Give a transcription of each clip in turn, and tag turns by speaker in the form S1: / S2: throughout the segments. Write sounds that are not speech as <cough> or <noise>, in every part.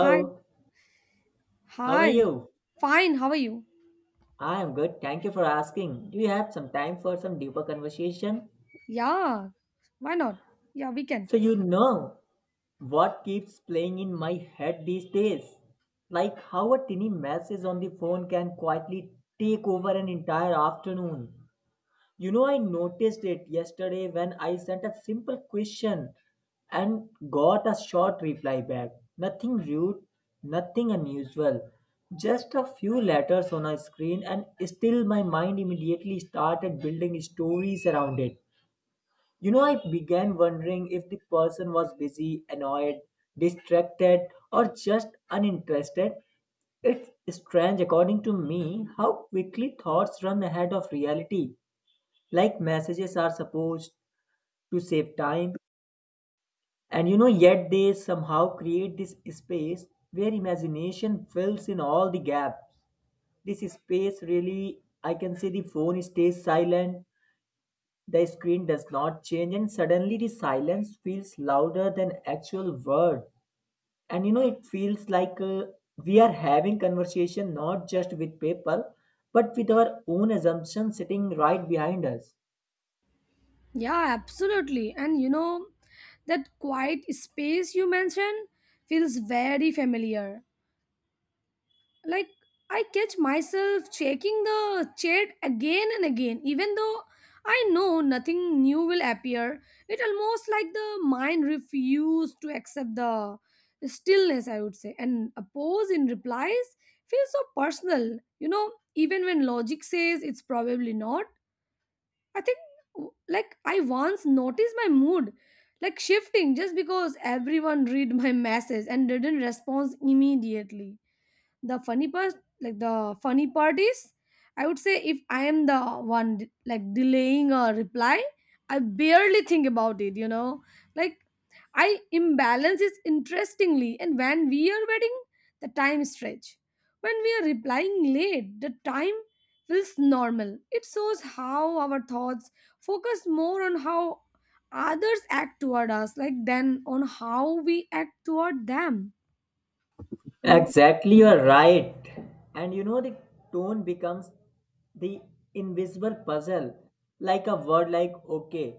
S1: Hi.
S2: how are
S1: Hi.
S2: you?
S1: Fine, how are you?
S2: I am good, thank you for asking. Do you have some time for some deeper conversation?
S1: Yeah, why not? Yeah, we can.
S2: So, you know what keeps playing in my head these days? Like how a tiny message on the phone can quietly take over an entire afternoon. You know, I noticed it yesterday when I sent a simple question and got a short reply back. Nothing rude, nothing unusual. Just a few letters on a screen, and still my mind immediately started building stories around it. You know, I began wondering if the person was busy, annoyed, distracted, or just uninterested. It's strange, according to me, how quickly thoughts run ahead of reality. Like, messages are supposed to save time, and you know, yet they somehow create this space where imagination fills in all the gaps. This space, really, I can say, the phone stays silent, the screen does not change, and suddenly the silence feels louder than actual word. And you know, it feels like we are having conversation not just with people, but with our own assumptions sitting right behind us.
S1: Yeah, absolutely. And you know, that quiet space you mentioned feels very familiar. Like, I catch myself checking the chat again and again, even though I know nothing new will appear. It almost like the mind refused to accept the stillness, I would say, and a pause in replies feels so personal, you know, even when logic says it's probably not. I think, like, I once noticed my mood, like, shifting just because everyone read <laughs> my message and didn't respond immediately. The funny part like the funny part is, I would say, if I am the one delaying a reply, I barely think about it, you know. Like, I imbalance is interestingly, and when we are waiting, the time stretch. When we are replying late, the time feels normal. It shows how our thoughts focus more on how others act toward us, like, than on how we act toward them, you know.
S2: Exactly, you're right. And you know, the tone becomes the invisible puzzle. Like a word like okay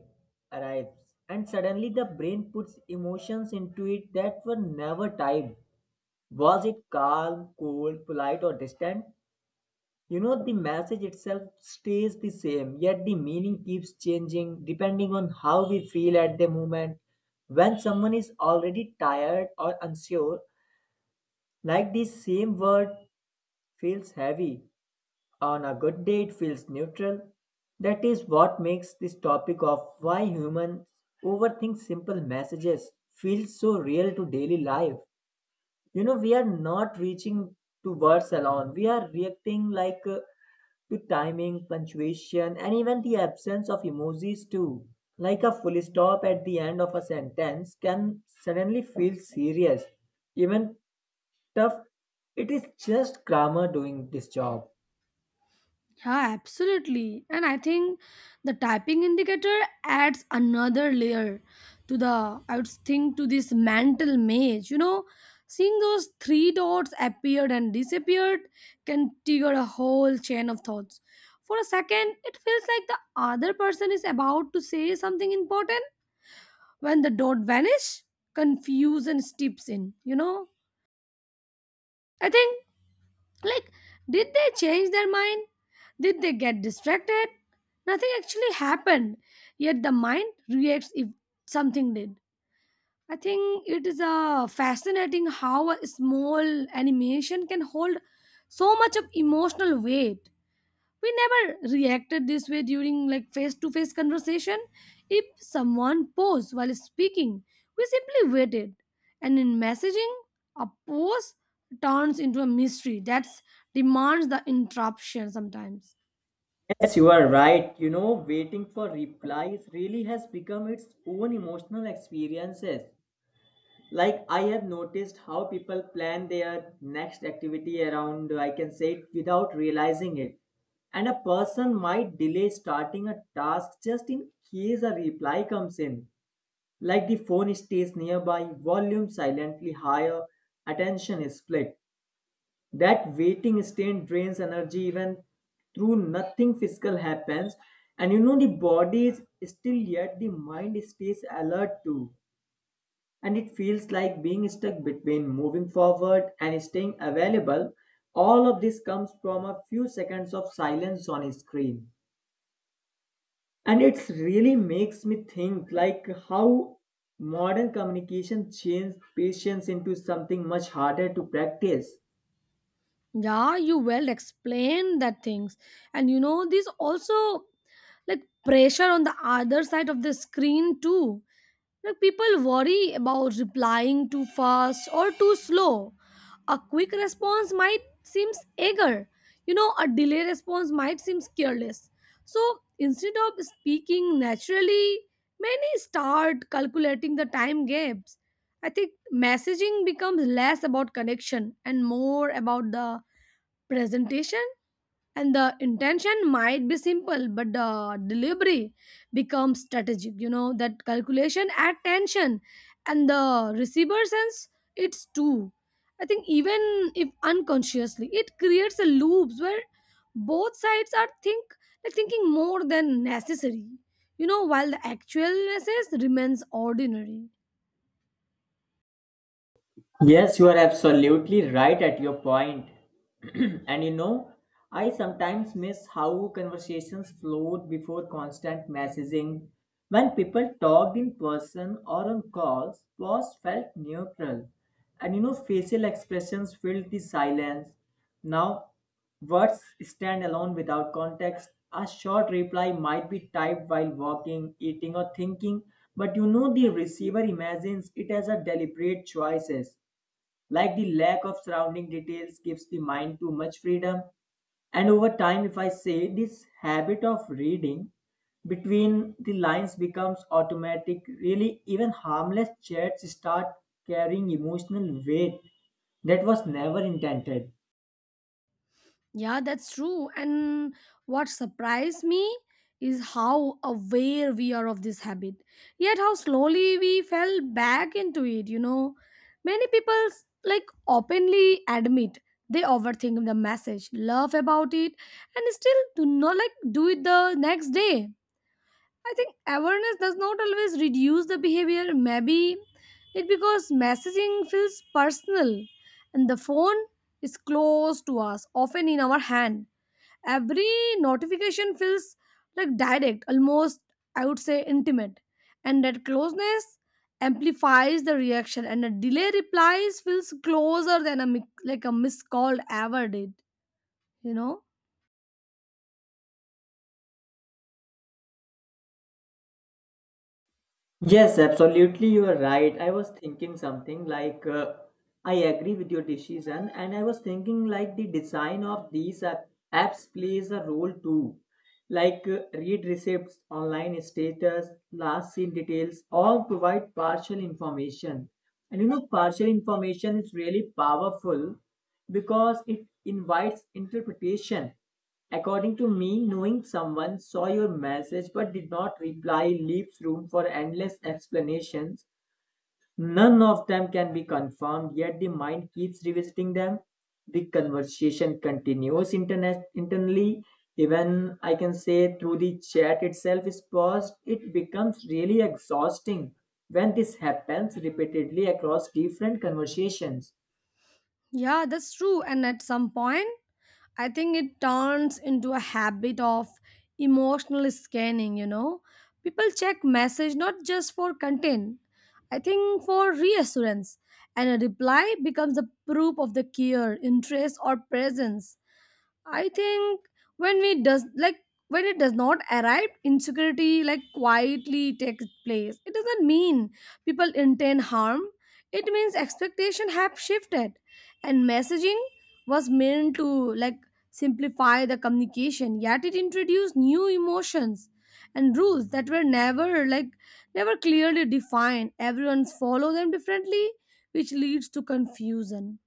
S2: arrives, and suddenly the brain puts emotions into it that were never typed. Was it calm, cold, polite, or distant? You know, the message itself stays the same, yet the meaning keeps changing depending on how we feel at the moment. When someone is already tired or unsure, like the same word feels heavy. On a good day, it feels neutral. That is what makes this topic of why humans overthink simple messages feel so real to daily life. You know, we are not reaching to words alone, we are reacting like to timing, punctuation, and even the absence of emojis too. Like a full stop at the end of a sentence can suddenly feel serious, even tough. It is just grammar doing this job.
S1: Yeah, absolutely. And I think the typing indicator adds another layer to the, I would think, to this mental maze. You know, seeing those three dots appeared and disappeared can trigger a whole chain of thoughts. For a second, it feels like the other person is about to say something important. When the dot vanish, confusion steeps in, you know? I think, like, did they change their mind? Did they get distracted? Nothing actually happened, yet the mind reacts if something did. I think it is fascinating how a small animation can hold so much of emotional weight. We never reacted this way during, like, face to face conversation. If someone paused while speaking, we simply waited, and in messaging a pause turns into a mystery that demands the interruption sometimes.
S2: Yes, you are right. You know, waiting for replies really has become its own emotional experiences. Like, I have noticed how people plan their next activity around, I can say, it without realizing it. And a person might delay starting a task just in case a reply comes in. Like the phone stays nearby, volume silently higher, attention is split. That waiting state drains energy even through nothing physical happens. And you know, the body is still yet the mind stays alert too. And it feels like being stuck between moving forward and staying available. All of this comes from a few seconds of silence on a screen. And it really makes me think like how modern communication changed patience into something much harder to practice.
S1: Yeah, you well explained that things. And you know, this also, like, pressure on the other side of the screen too. Like, people worry about replying too fast or too slow. A quick response might seem eager. You know, a delay response might seem careless. So instead of speaking naturally, many start calculating the time gaps. I think messaging becomes less about connection and more about the presentation, and the intention might be simple, but the delivery becomes strategic. You know, that calculation add tension, and the receiver sense it's too. I think, even if unconsciously, it creates a loops where both sides are think, like, thinking more than necessary, you know, while the actual message remains ordinary.
S2: Yes, you are absolutely right at your point. <clears throat> And you know, I sometimes miss how conversations flowed before constant messaging. When people talked in person or on calls, pause felt neutral. And you know, facial expressions filled the silence. Now, words stand alone without context. A short reply might be typed while walking, eating, or thinking, but you know, the receiver imagines it as a deliberate choices. Like the lack of surrounding details gives the mind too much freedom. And over time, if I say, this habit of reading between the lines becomes automatic. Really, even harmless chats start carrying emotional weight that was never intended.
S1: Yeah, that's true. And what surprised me is how aware we are of this habit, yet how slowly we fell back into it, you know. Many people openly admit they overthink the message, laugh about it, and still do not, like, do it the next day. I think awareness does not always reduce the behavior. Maybe it because messaging feels personal, and the phone is close to us, often in our hand. Every notification feels like direct, almost, I would say, intimate, and that closeness amplifies the reaction, and a delay replies feels closer than a missed call ever did, you know.
S2: Yes, absolutely, you are right. I was thinking something like I agree with your decision, and I was thinking like the design of these apps plays a role too. Like read receipts, online status, last seen details, all provide partial information. And you know, partial information is really powerful because it invites interpretation. According to me, knowing someone saw your message but did not reply leaves room for endless explanations. None of them can be confirmed, yet the mind keeps revisiting them. The conversation continues internally, even I can say through the chat itself is paused. It becomes really exhausting when this happens repeatedly across different conversations.
S1: Yeah, that's true. And at some point, I think it turns into a habit of emotional scanning, you know. People check message not just for content, I think for reassurance, and a reply becomes a proof of the care, interest, or presence. I think when we does like when it does not arrive, insecurity, like, quietly takes place. It doesn't mean people intend harm. It means expectation have shifted, and messaging was meant to, like, simplify the communication. Yet it introduced new emotions and rules that were never clearly defined. Everyone's follow them differently, which leads to confusion,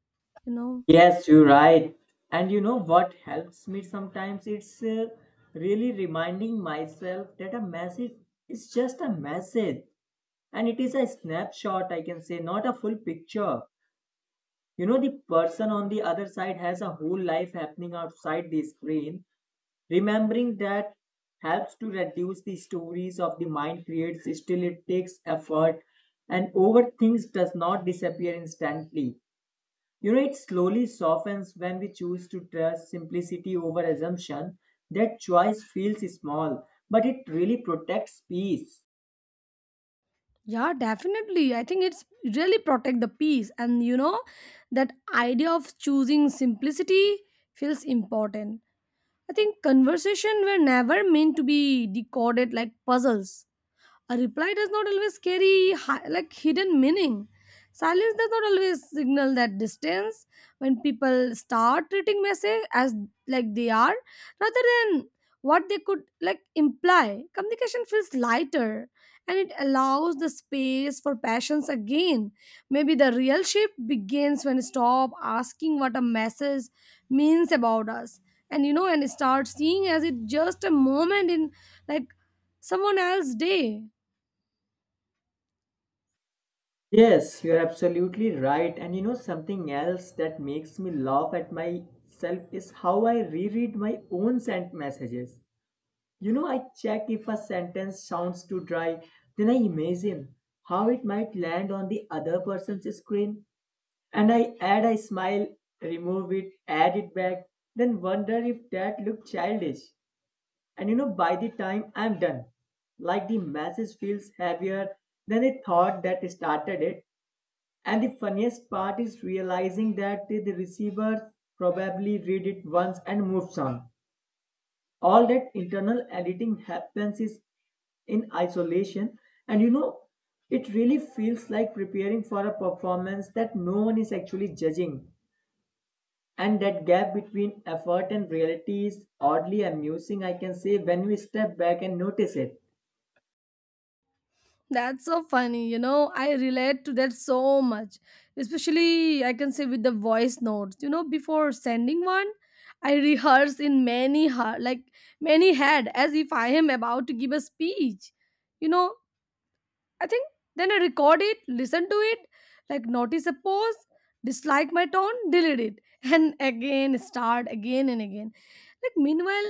S1: you know.
S2: Yes, you're right. And you know what helps me sometimes? It's really reminding myself that a message is just a message, and it is a snapshot, I can say, not a full picture. You know, the person on the other side has a whole life happening outside the screen. Remembering that helps to reduce the stories of the mind creates. Still, it takes effort, and overthink does not disappear instantly. You know, it slowly softens when we choose to trust simplicity over assumption. That choice feels small, but it really protects peace.
S1: Yeah, definitely. I think it's really protect the peace. And you know, that idea of choosing simplicity feels important. I think conversation were never meant to be decoded like puzzles. A reply does not always carry hidden meaning. Silence does not always signal that distance when people start treating message as, like, they are rather than what they could, like, imply. Communication feels lighter, and it allows the space for passions again. Maybe the real shift begins when we stop asking what a message means about us, and you know, and start seeing as it just a moment in, like, someone else's day.
S2: Yes, you're absolutely right. And you know, something else that makes me laugh at myself is how I reread my own sent messages. You know, I check if a sentence sounds too dry, then I imagine how it might land on the other person's screen. And I add I smile, remove it, add it back, then wonder if that looked childish. And you know, by the time I'm done, like the message feels heavier than the thought that started it. And the funniest part is realizing that the receiver probably read it once and moves on. All that internal editing happens is in isolation, and you know, it really feels like preparing for a performance that no one is actually judging. And that gap between effort and reality is oddly amusing, I can say, when we step back and notice it.
S1: That's so funny. You know, I relate to that so much. Especially, I can say with the voice notes. You know, before sending one, I rehearse in many heart, like, many head, as if I am about to give a speech. You know, I think then I record it, listen to it, like, notice a pause, dislike my tone, delete it, and again start again and again. Like, meanwhile,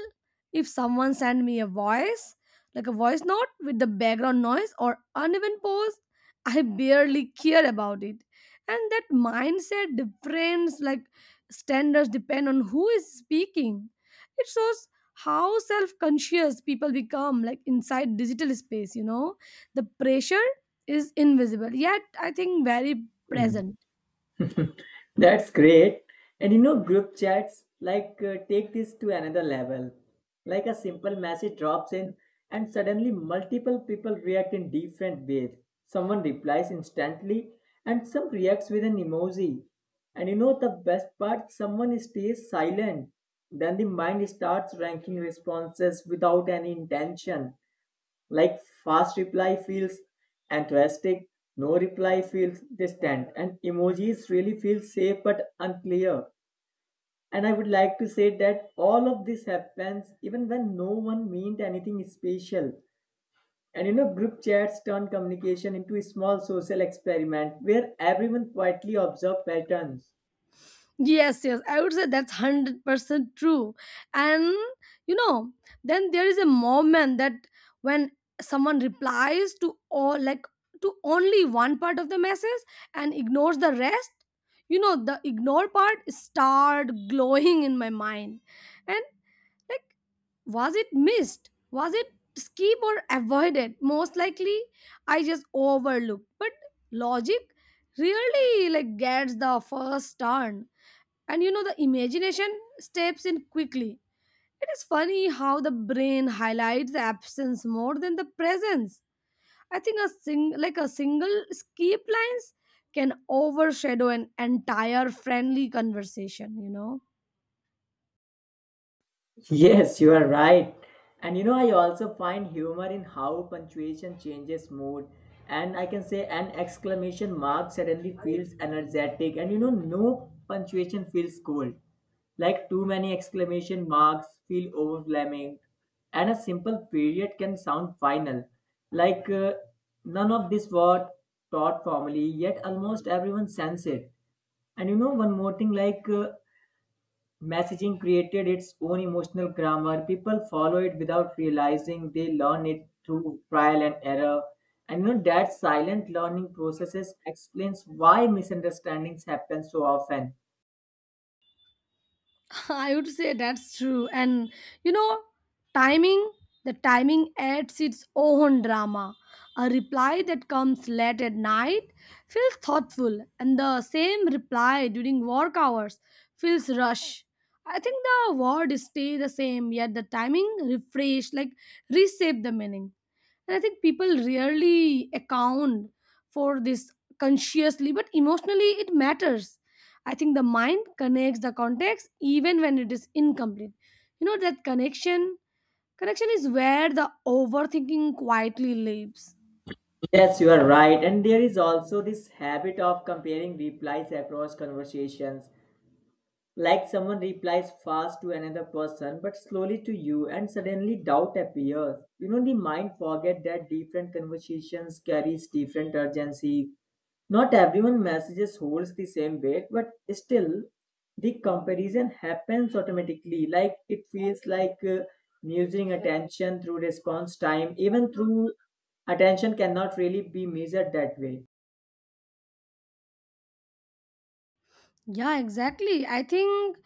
S1: if someone send me a voice, like, a voice note with the background noise or uneven pose, I barely care about it. And that mindset difference, like, standards depend on who is speaking. It shows how self-conscious people become, like, inside digital space, you know. The pressure is invisible, yet I think very
S2: Mm.
S1: present.
S2: That's great. And you know, group chats like take this to another level. Like a simple message drops in, and suddenly multiple people react in different ways. Someone replies instantly, and some reacts with an emoji. And you know, the best part, someone stays silent. Then the mind starts ranking responses without any intention. Like fast reply feels enthusiastic, no reply feels distant, and emojis really feel safe but unclear. And I would like to say that all of this happens even when no one meant anything special. And you know, group chats turn communication into a small social experiment where everyone quietly observes patterns.
S1: Yes, yes, I would say that's 100% true. And you know, then there is a moment that when someone replies to all, like, to only one part of the message and ignores the rest, you know, the ignore part start glowing in my mind. And, like, was it missed? Was it skip or avoided? Most likely I just overlooked. But logic really, like, gets the first turn, and you know, the imagination steps in quickly. It is funny how the brain highlights the absence more than the presence. I think a single skip lines can overshadow an entire friendly conversation, you know.
S2: Yes, you are right. And you know, I also find humor in how punctuation changes mood. And I can say an exclamation mark suddenly feels energetic, and you know, no punctuation feels cold. Like too many exclamation marks feel overwhelming, and a simple period can sound final. Like none of this word taught formally, yet almost everyone sense it. And you know, one more thing, like messaging created its own emotional grammar. People follow it without realizing they learn it through trial and error. And you know, that silent learning processes explains why misunderstandings happen so often.
S1: <laughs> I would say that's true. And you know, timing, the timing adds its own drama. A reply that comes late at night feels thoughtful, and the same reply during work hours feels rush. I think the word stay the same, yet the timing refresh, like reshape the meaning. And I think people rarely account for this consciously, but emotionally it matters. I think the mind connects the context even when it is incomplete. You know, that connection is where the overthinking quietly lives.
S2: Yes, you are right. And there is also this habit of comparing replies across conversations. Like someone replies fast to another person but slowly to you, and suddenly doubt appears. You know, the mind forget that different conversations carries different urgency. Not everyone messages holds the same weight, but still the comparison happens automatically. Like it feels like measuring attention through response time, even through attention cannot really be measured that way.
S1: Yeah, exactly. I think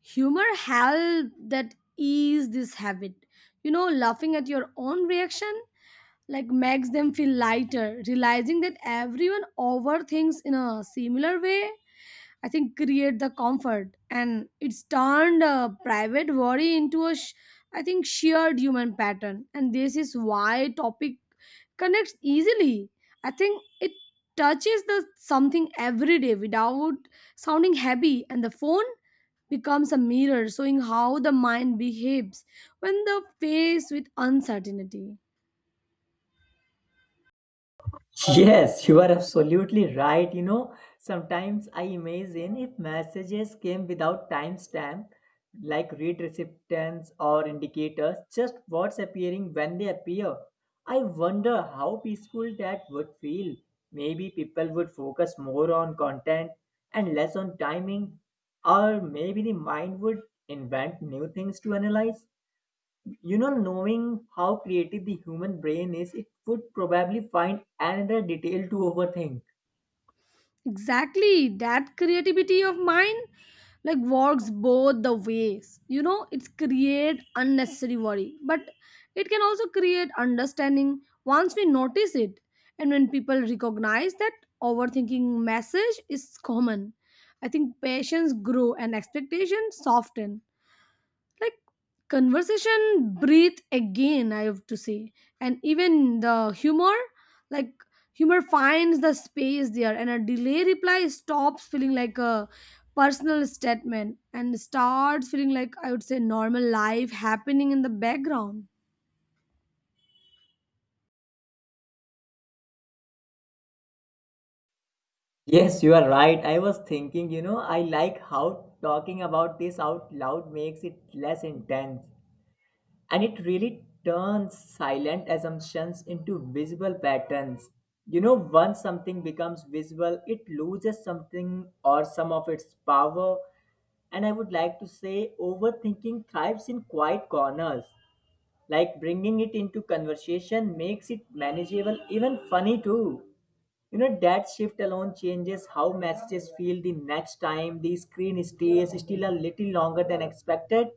S1: humor help that ease this habit, you know. Laughing at your own reaction, like, makes them feel lighter. Realizing that everyone overthinks in a similar way, I think, create the comfort, and it's turned a private worry into a sh- I think shared human pattern. And this is why topic connects easily. I think it touches the something every day without sounding heavy, and the phone becomes a mirror showing how the mind behaves when the faced with uncertainty.
S2: <laughs> Yes, you are absolutely right. You know, sometimes I imagine if messages came without timestamp, like read recipients or indicators, just what's appearing when they appear. I wonder how peaceful that would feel. Maybe people would focus more on content and less on timing, or maybe the mind would invent new things to analyze. You know, knowing how creative the human brain is, it would probably find another detail to overthink.
S1: Exactly, that creativity of mine, like, works both the ways. You know, it's create unnecessary worry, but it can also create understanding once we notice it. And when people recognize that overthinking message is common, I think patience grow and expectations soften, like, conversation breathe again, I have to say. And even the humor, like, humor finds the space there, and a delay reply stops feeling like a personal statement and starts feeling like, I would say, normal life happening in the background.
S2: Yes, you are right. I was thinking, you know, I like how talking about this out loud makes it less intense, and it really turns silent assumptions into visible patterns. You know, once something becomes visible, it loses something or some of its power. And I would like to say overthinking thrives in quiet corners. Like bringing it into conversation makes it manageable, even funny too. You know, that shift alone changes how messages feel the next time the screen stays still a little longer than expected.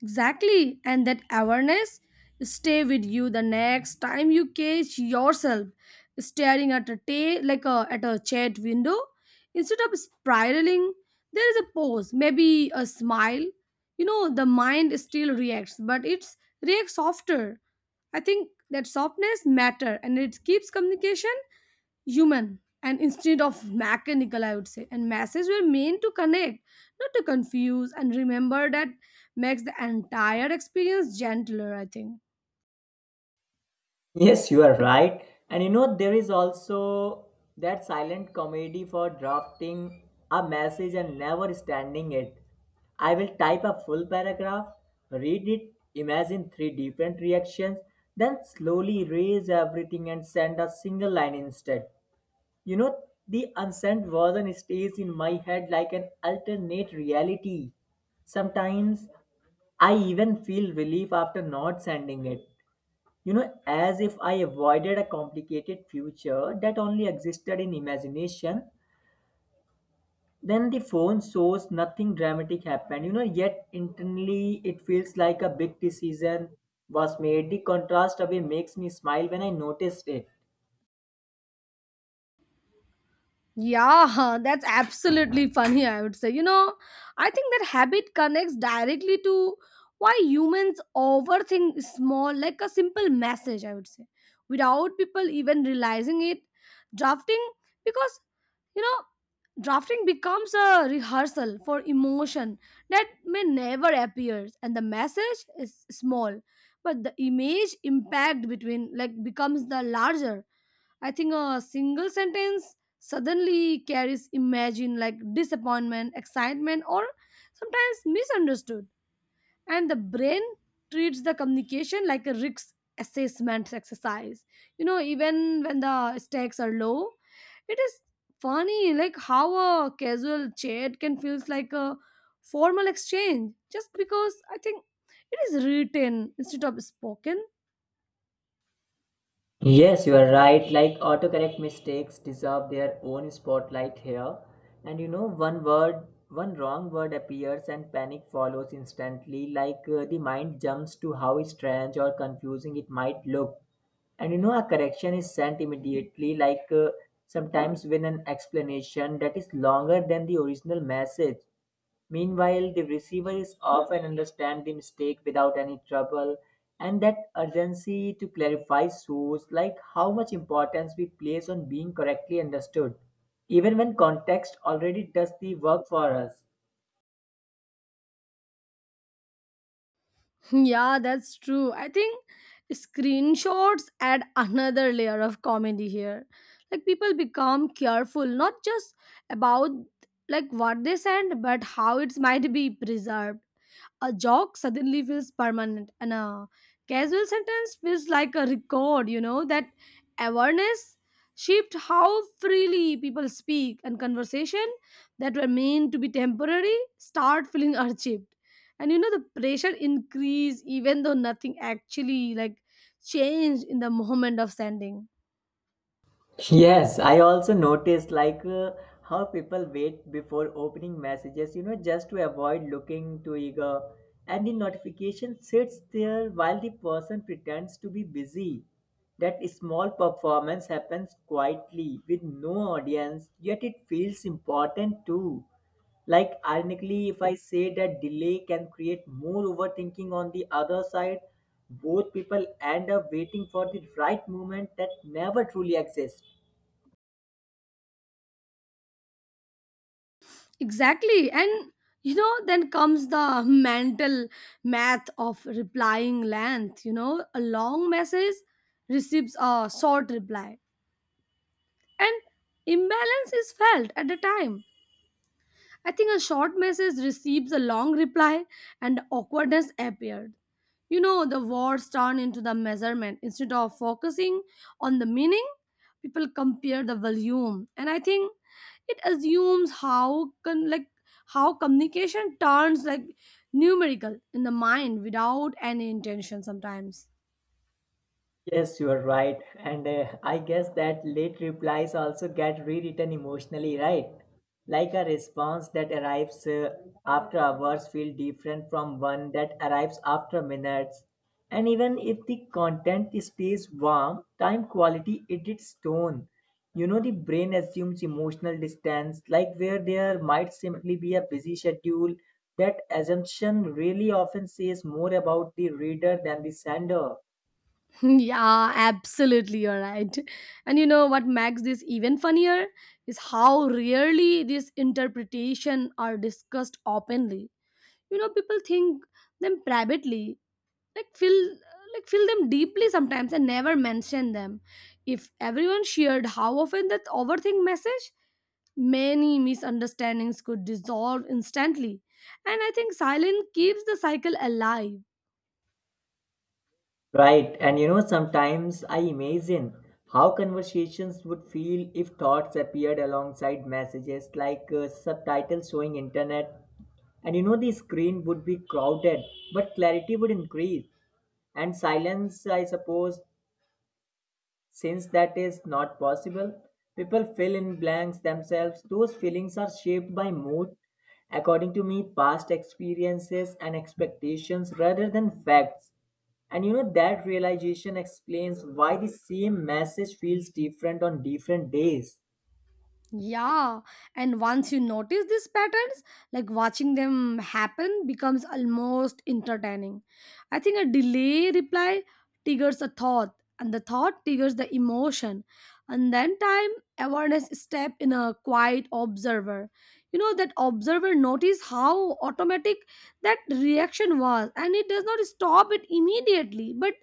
S1: Exactly, and that awareness stay with you the next time you catch yourself staring at a chat window instead of spiraling. There is a pause, maybe a smile. You know, the mind still reacts, but it's reacts softer. I think that softness matter, and it keeps communication human and instead of mechanical, I would say, and messages were meant to connect, not to confuse, and remember that makes the entire experience gentler, I think.
S2: Yes, you are right. And you know, there is also that silent comedy for drafting a message and never standing it. I will type a full paragraph, read it, imagine three different reactions, then slowly erase everything and send a single line instead. You know, the unsent version stays in my head like an alternate reality. Sometimes I even feel relief after not sending it. You know, as if I avoided a complicated future that only existed in imagination, then the phone shows nothing dramatic happened. You know, yet internally it feels like a big decision was made. The contrast away makes me smile when I noticed it.
S1: Yeah, <laughs> that's absolutely funny, I would say. You know, I think that habit connects directly to why humans overthink small, like a simple message, I would say, without people even realizing it. Drafting, because, you know, drafting becomes a rehearsal for emotion that may never appear, and the message is small, but the image impact between, like, becomes the larger. I think a single sentence suddenly carries imagine, like, disappointment, excitement, or sometimes misunderstood. And the brain treats the communication like a risk assessment exercise. You know, even when the stakes are low, it is funny, like, how a casual chat can feels like a formal exchange just because, I think, it is written instead of spoken.
S2: Yes, you are right. Like autocorrect mistakes deserve their own spotlight here. And you know, one word, one wrong word appears and panic follows instantly. Like the mind jumps to how strange or confusing it might look. And you know, a correction is sent immediately, sometimes with an explanation that is longer than the original message. Meanwhile, the receiver is often understand the mistake without any trouble, and that urgency to clarify shows like how much importance we place on being correctly understood, even when context already does the work for us.
S1: <laughs> Yeah, that's true. I think screenshots add another layer of comedy here. Like, people become careful not just about, like, what they send, but how it might be preserved. A joke suddenly feels permanent, and a casual sentence feels like a record. You know that awareness shaped how freely people speak, and conversation that were meant to be temporary start feeling <laughs> urgent. And you know, the pressure increase even though nothing actually, like, changed in the moment of sending.
S2: Yes, I also noticed how people wait before opening messages, you know, just to avoid looking too eager. And the notification sits there while the person pretends to be busy. That small performance happens quietly with no audience, yet it feels important too. Like, ironically, if I say that delay can create more overthinking on the other side, both people end up waiting for the right moment that never truly exists.
S1: Exactly, and you know then comes the mental math of replying length. You know, a long message receives a short reply, and imbalance is felt at the time. I think a short message receives a long reply, and awkwardness appeared. You know, the words turn into the measurement. Instead of focusing on the meaning, people compare the volume. And I think it assumes how how communication turns, like, numerical in the mind without any intention sometimes.
S2: Yes, you are right. And I guess that late replies also get rewritten emotionally, right? Like a response that arrives after hours feel different from one that arrives after minutes. And even if the content stays warm, time quality it its tone. You know, the brain assumes emotional distance, like where there might simply be a busy schedule. That assumption really often says more about the reader than the sender.
S1: Yeah, absolutely, you're right. And you know what makes this even funnier is how rarely these interpretation are discussed openly. You know, people think them privately, like feel them deeply sometimes and never mention them. If everyone shared how often that overthink message, many misunderstandings could dissolve instantly. And I think silence keeps the cycle alive.
S2: Right, and you know, sometimes I imagine how conversations would feel if thoughts appeared alongside messages subtitles showing internet. And you know, the screen would be crowded, but clarity would increase. And silence, I suppose, since that is not possible, people fill in blanks themselves. Those feelings are shaped by mood, according to me, past experiences and expectations rather than facts. And you know, that realization explains why the same message feels different on different days.
S1: Yeah, and once you notice these patterns, like, watching them happen becomes almost entertaining. I think a delay reply triggers a thought, and the thought triggers the emotion, and then time awareness step in a quiet observer. You know that observer notice how automatic that reaction was, and it does not stop it immediately, but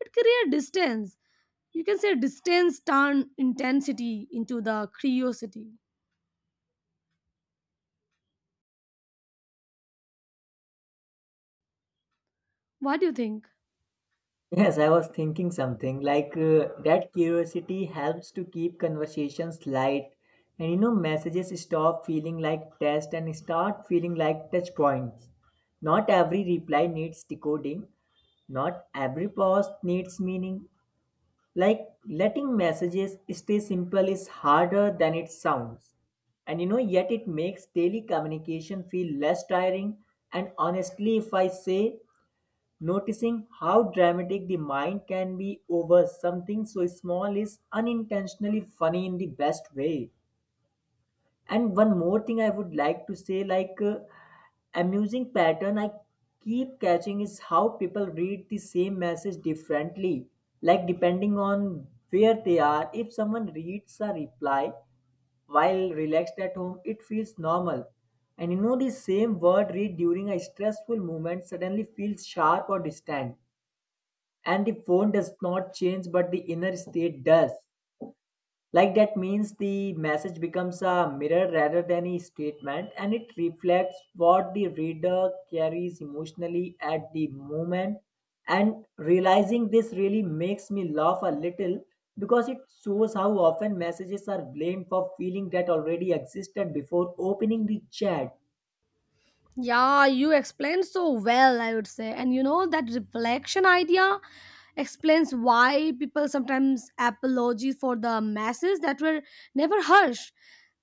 S1: it creates distance. You can say distance turn intensity into the curiosity. What do you think?
S2: Yes, I was thinking something that curiosity helps to keep conversations light. And you know, messages stop feeling like tests and start feeling like touch points. Not every reply needs decoding, not every pause needs meaning. Like, letting messages stay simple is harder than it sounds, and you know yet it makes daily communication feel less tiring. And honestly, if I say, noticing how dramatic the mind can be over something so small is unintentionally funny in the best way. And one more thing I would like to say, amusing pattern I keep catching is how people read the same message differently, like depending on where they are. If someone reads a reply while relaxed at home, it feels normal. And you know, the same word read during a stressful moment suddenly feels sharp or distant. And the phone does not change, but the inner state does. Like that means the message becomes a mirror rather than a statement, and it reflects what the reader carries emotionally at the moment. And realizing this really makes me laugh a little because it shows how often messages are blamed for feeling that already existed before opening the chat.
S1: Yeah, you explained so well, I would say. And you know, that reflection idea explains why people sometimes apologize for the masses that were never harsh.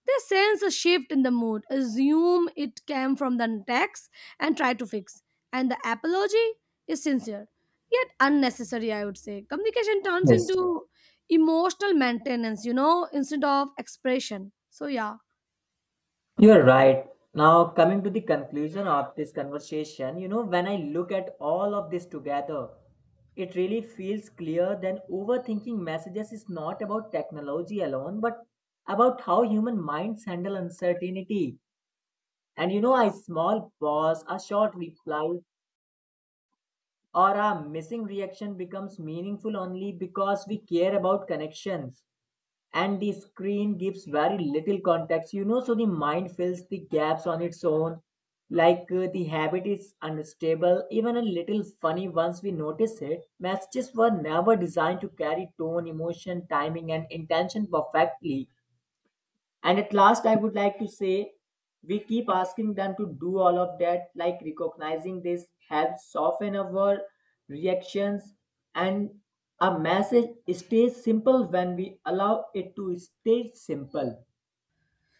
S1: They sense a shift in the mood, assume it came from the text, and try to fix. And the apology is sincere, yet unnecessary, I would say. Communication turns
S2: Yes.
S1: into emotional maintenance, you know, instead of expression. So, yeah.
S2: You're right. Now, coming to the conclusion of this conversation, you know, when I look at all of this together, it really feels clear that overthinking messages is not about technology alone, but about how human minds handle uncertainty. And you know, a small pause, a short reply, or a missing reaction becomes meaningful only because we care about connections, and the screen gives very little context, you know, so the mind fills the gaps on its own. The habit is unstable, even a little funny once we notice it. Messages were never designed to carry tone, emotion, timing and intention perfectly, and at last, I would like to say we keep asking them to do all of that. Like, recognizing this helps soften our reactions. And a message stays simple when we allow it to stay simple.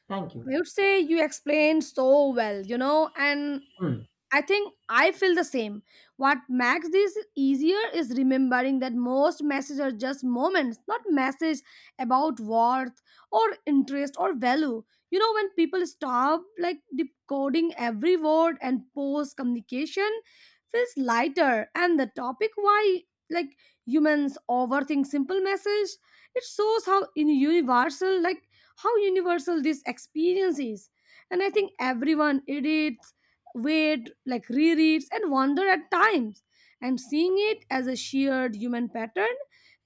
S2: Thank you.
S1: I would say you explained so well, you know, and
S2: Hmm.
S1: I think I feel the same. What makes this easier is remembering that most messages are just moments, not message about worth or interest or value. You know, when people stop, like, decoding every word and post, communication feels lighter. And the topic why, like, humans overthink simple message, it shows how in universal like how universal this experience is. And I think everyone it is wait, like, rereads, and wander at times. And seeing it as a shared human pattern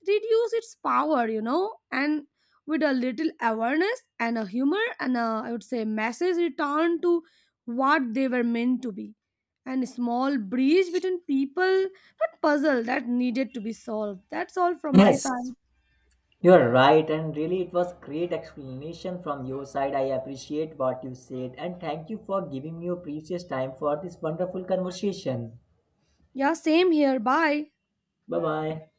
S1: reduce its power, you know, and with a little awareness and a humor and a, I would say, message return to what they were meant to be. And a small breach between people, that puzzle that needed to be solved. That's all from my side.
S2: Yes, you're right. And really, it was great explanation from your side. I appreciate what you said. And thank you for giving me your precious time for this wonderful conversation.
S1: Yeah, same here. Bye.
S2: Bye bye.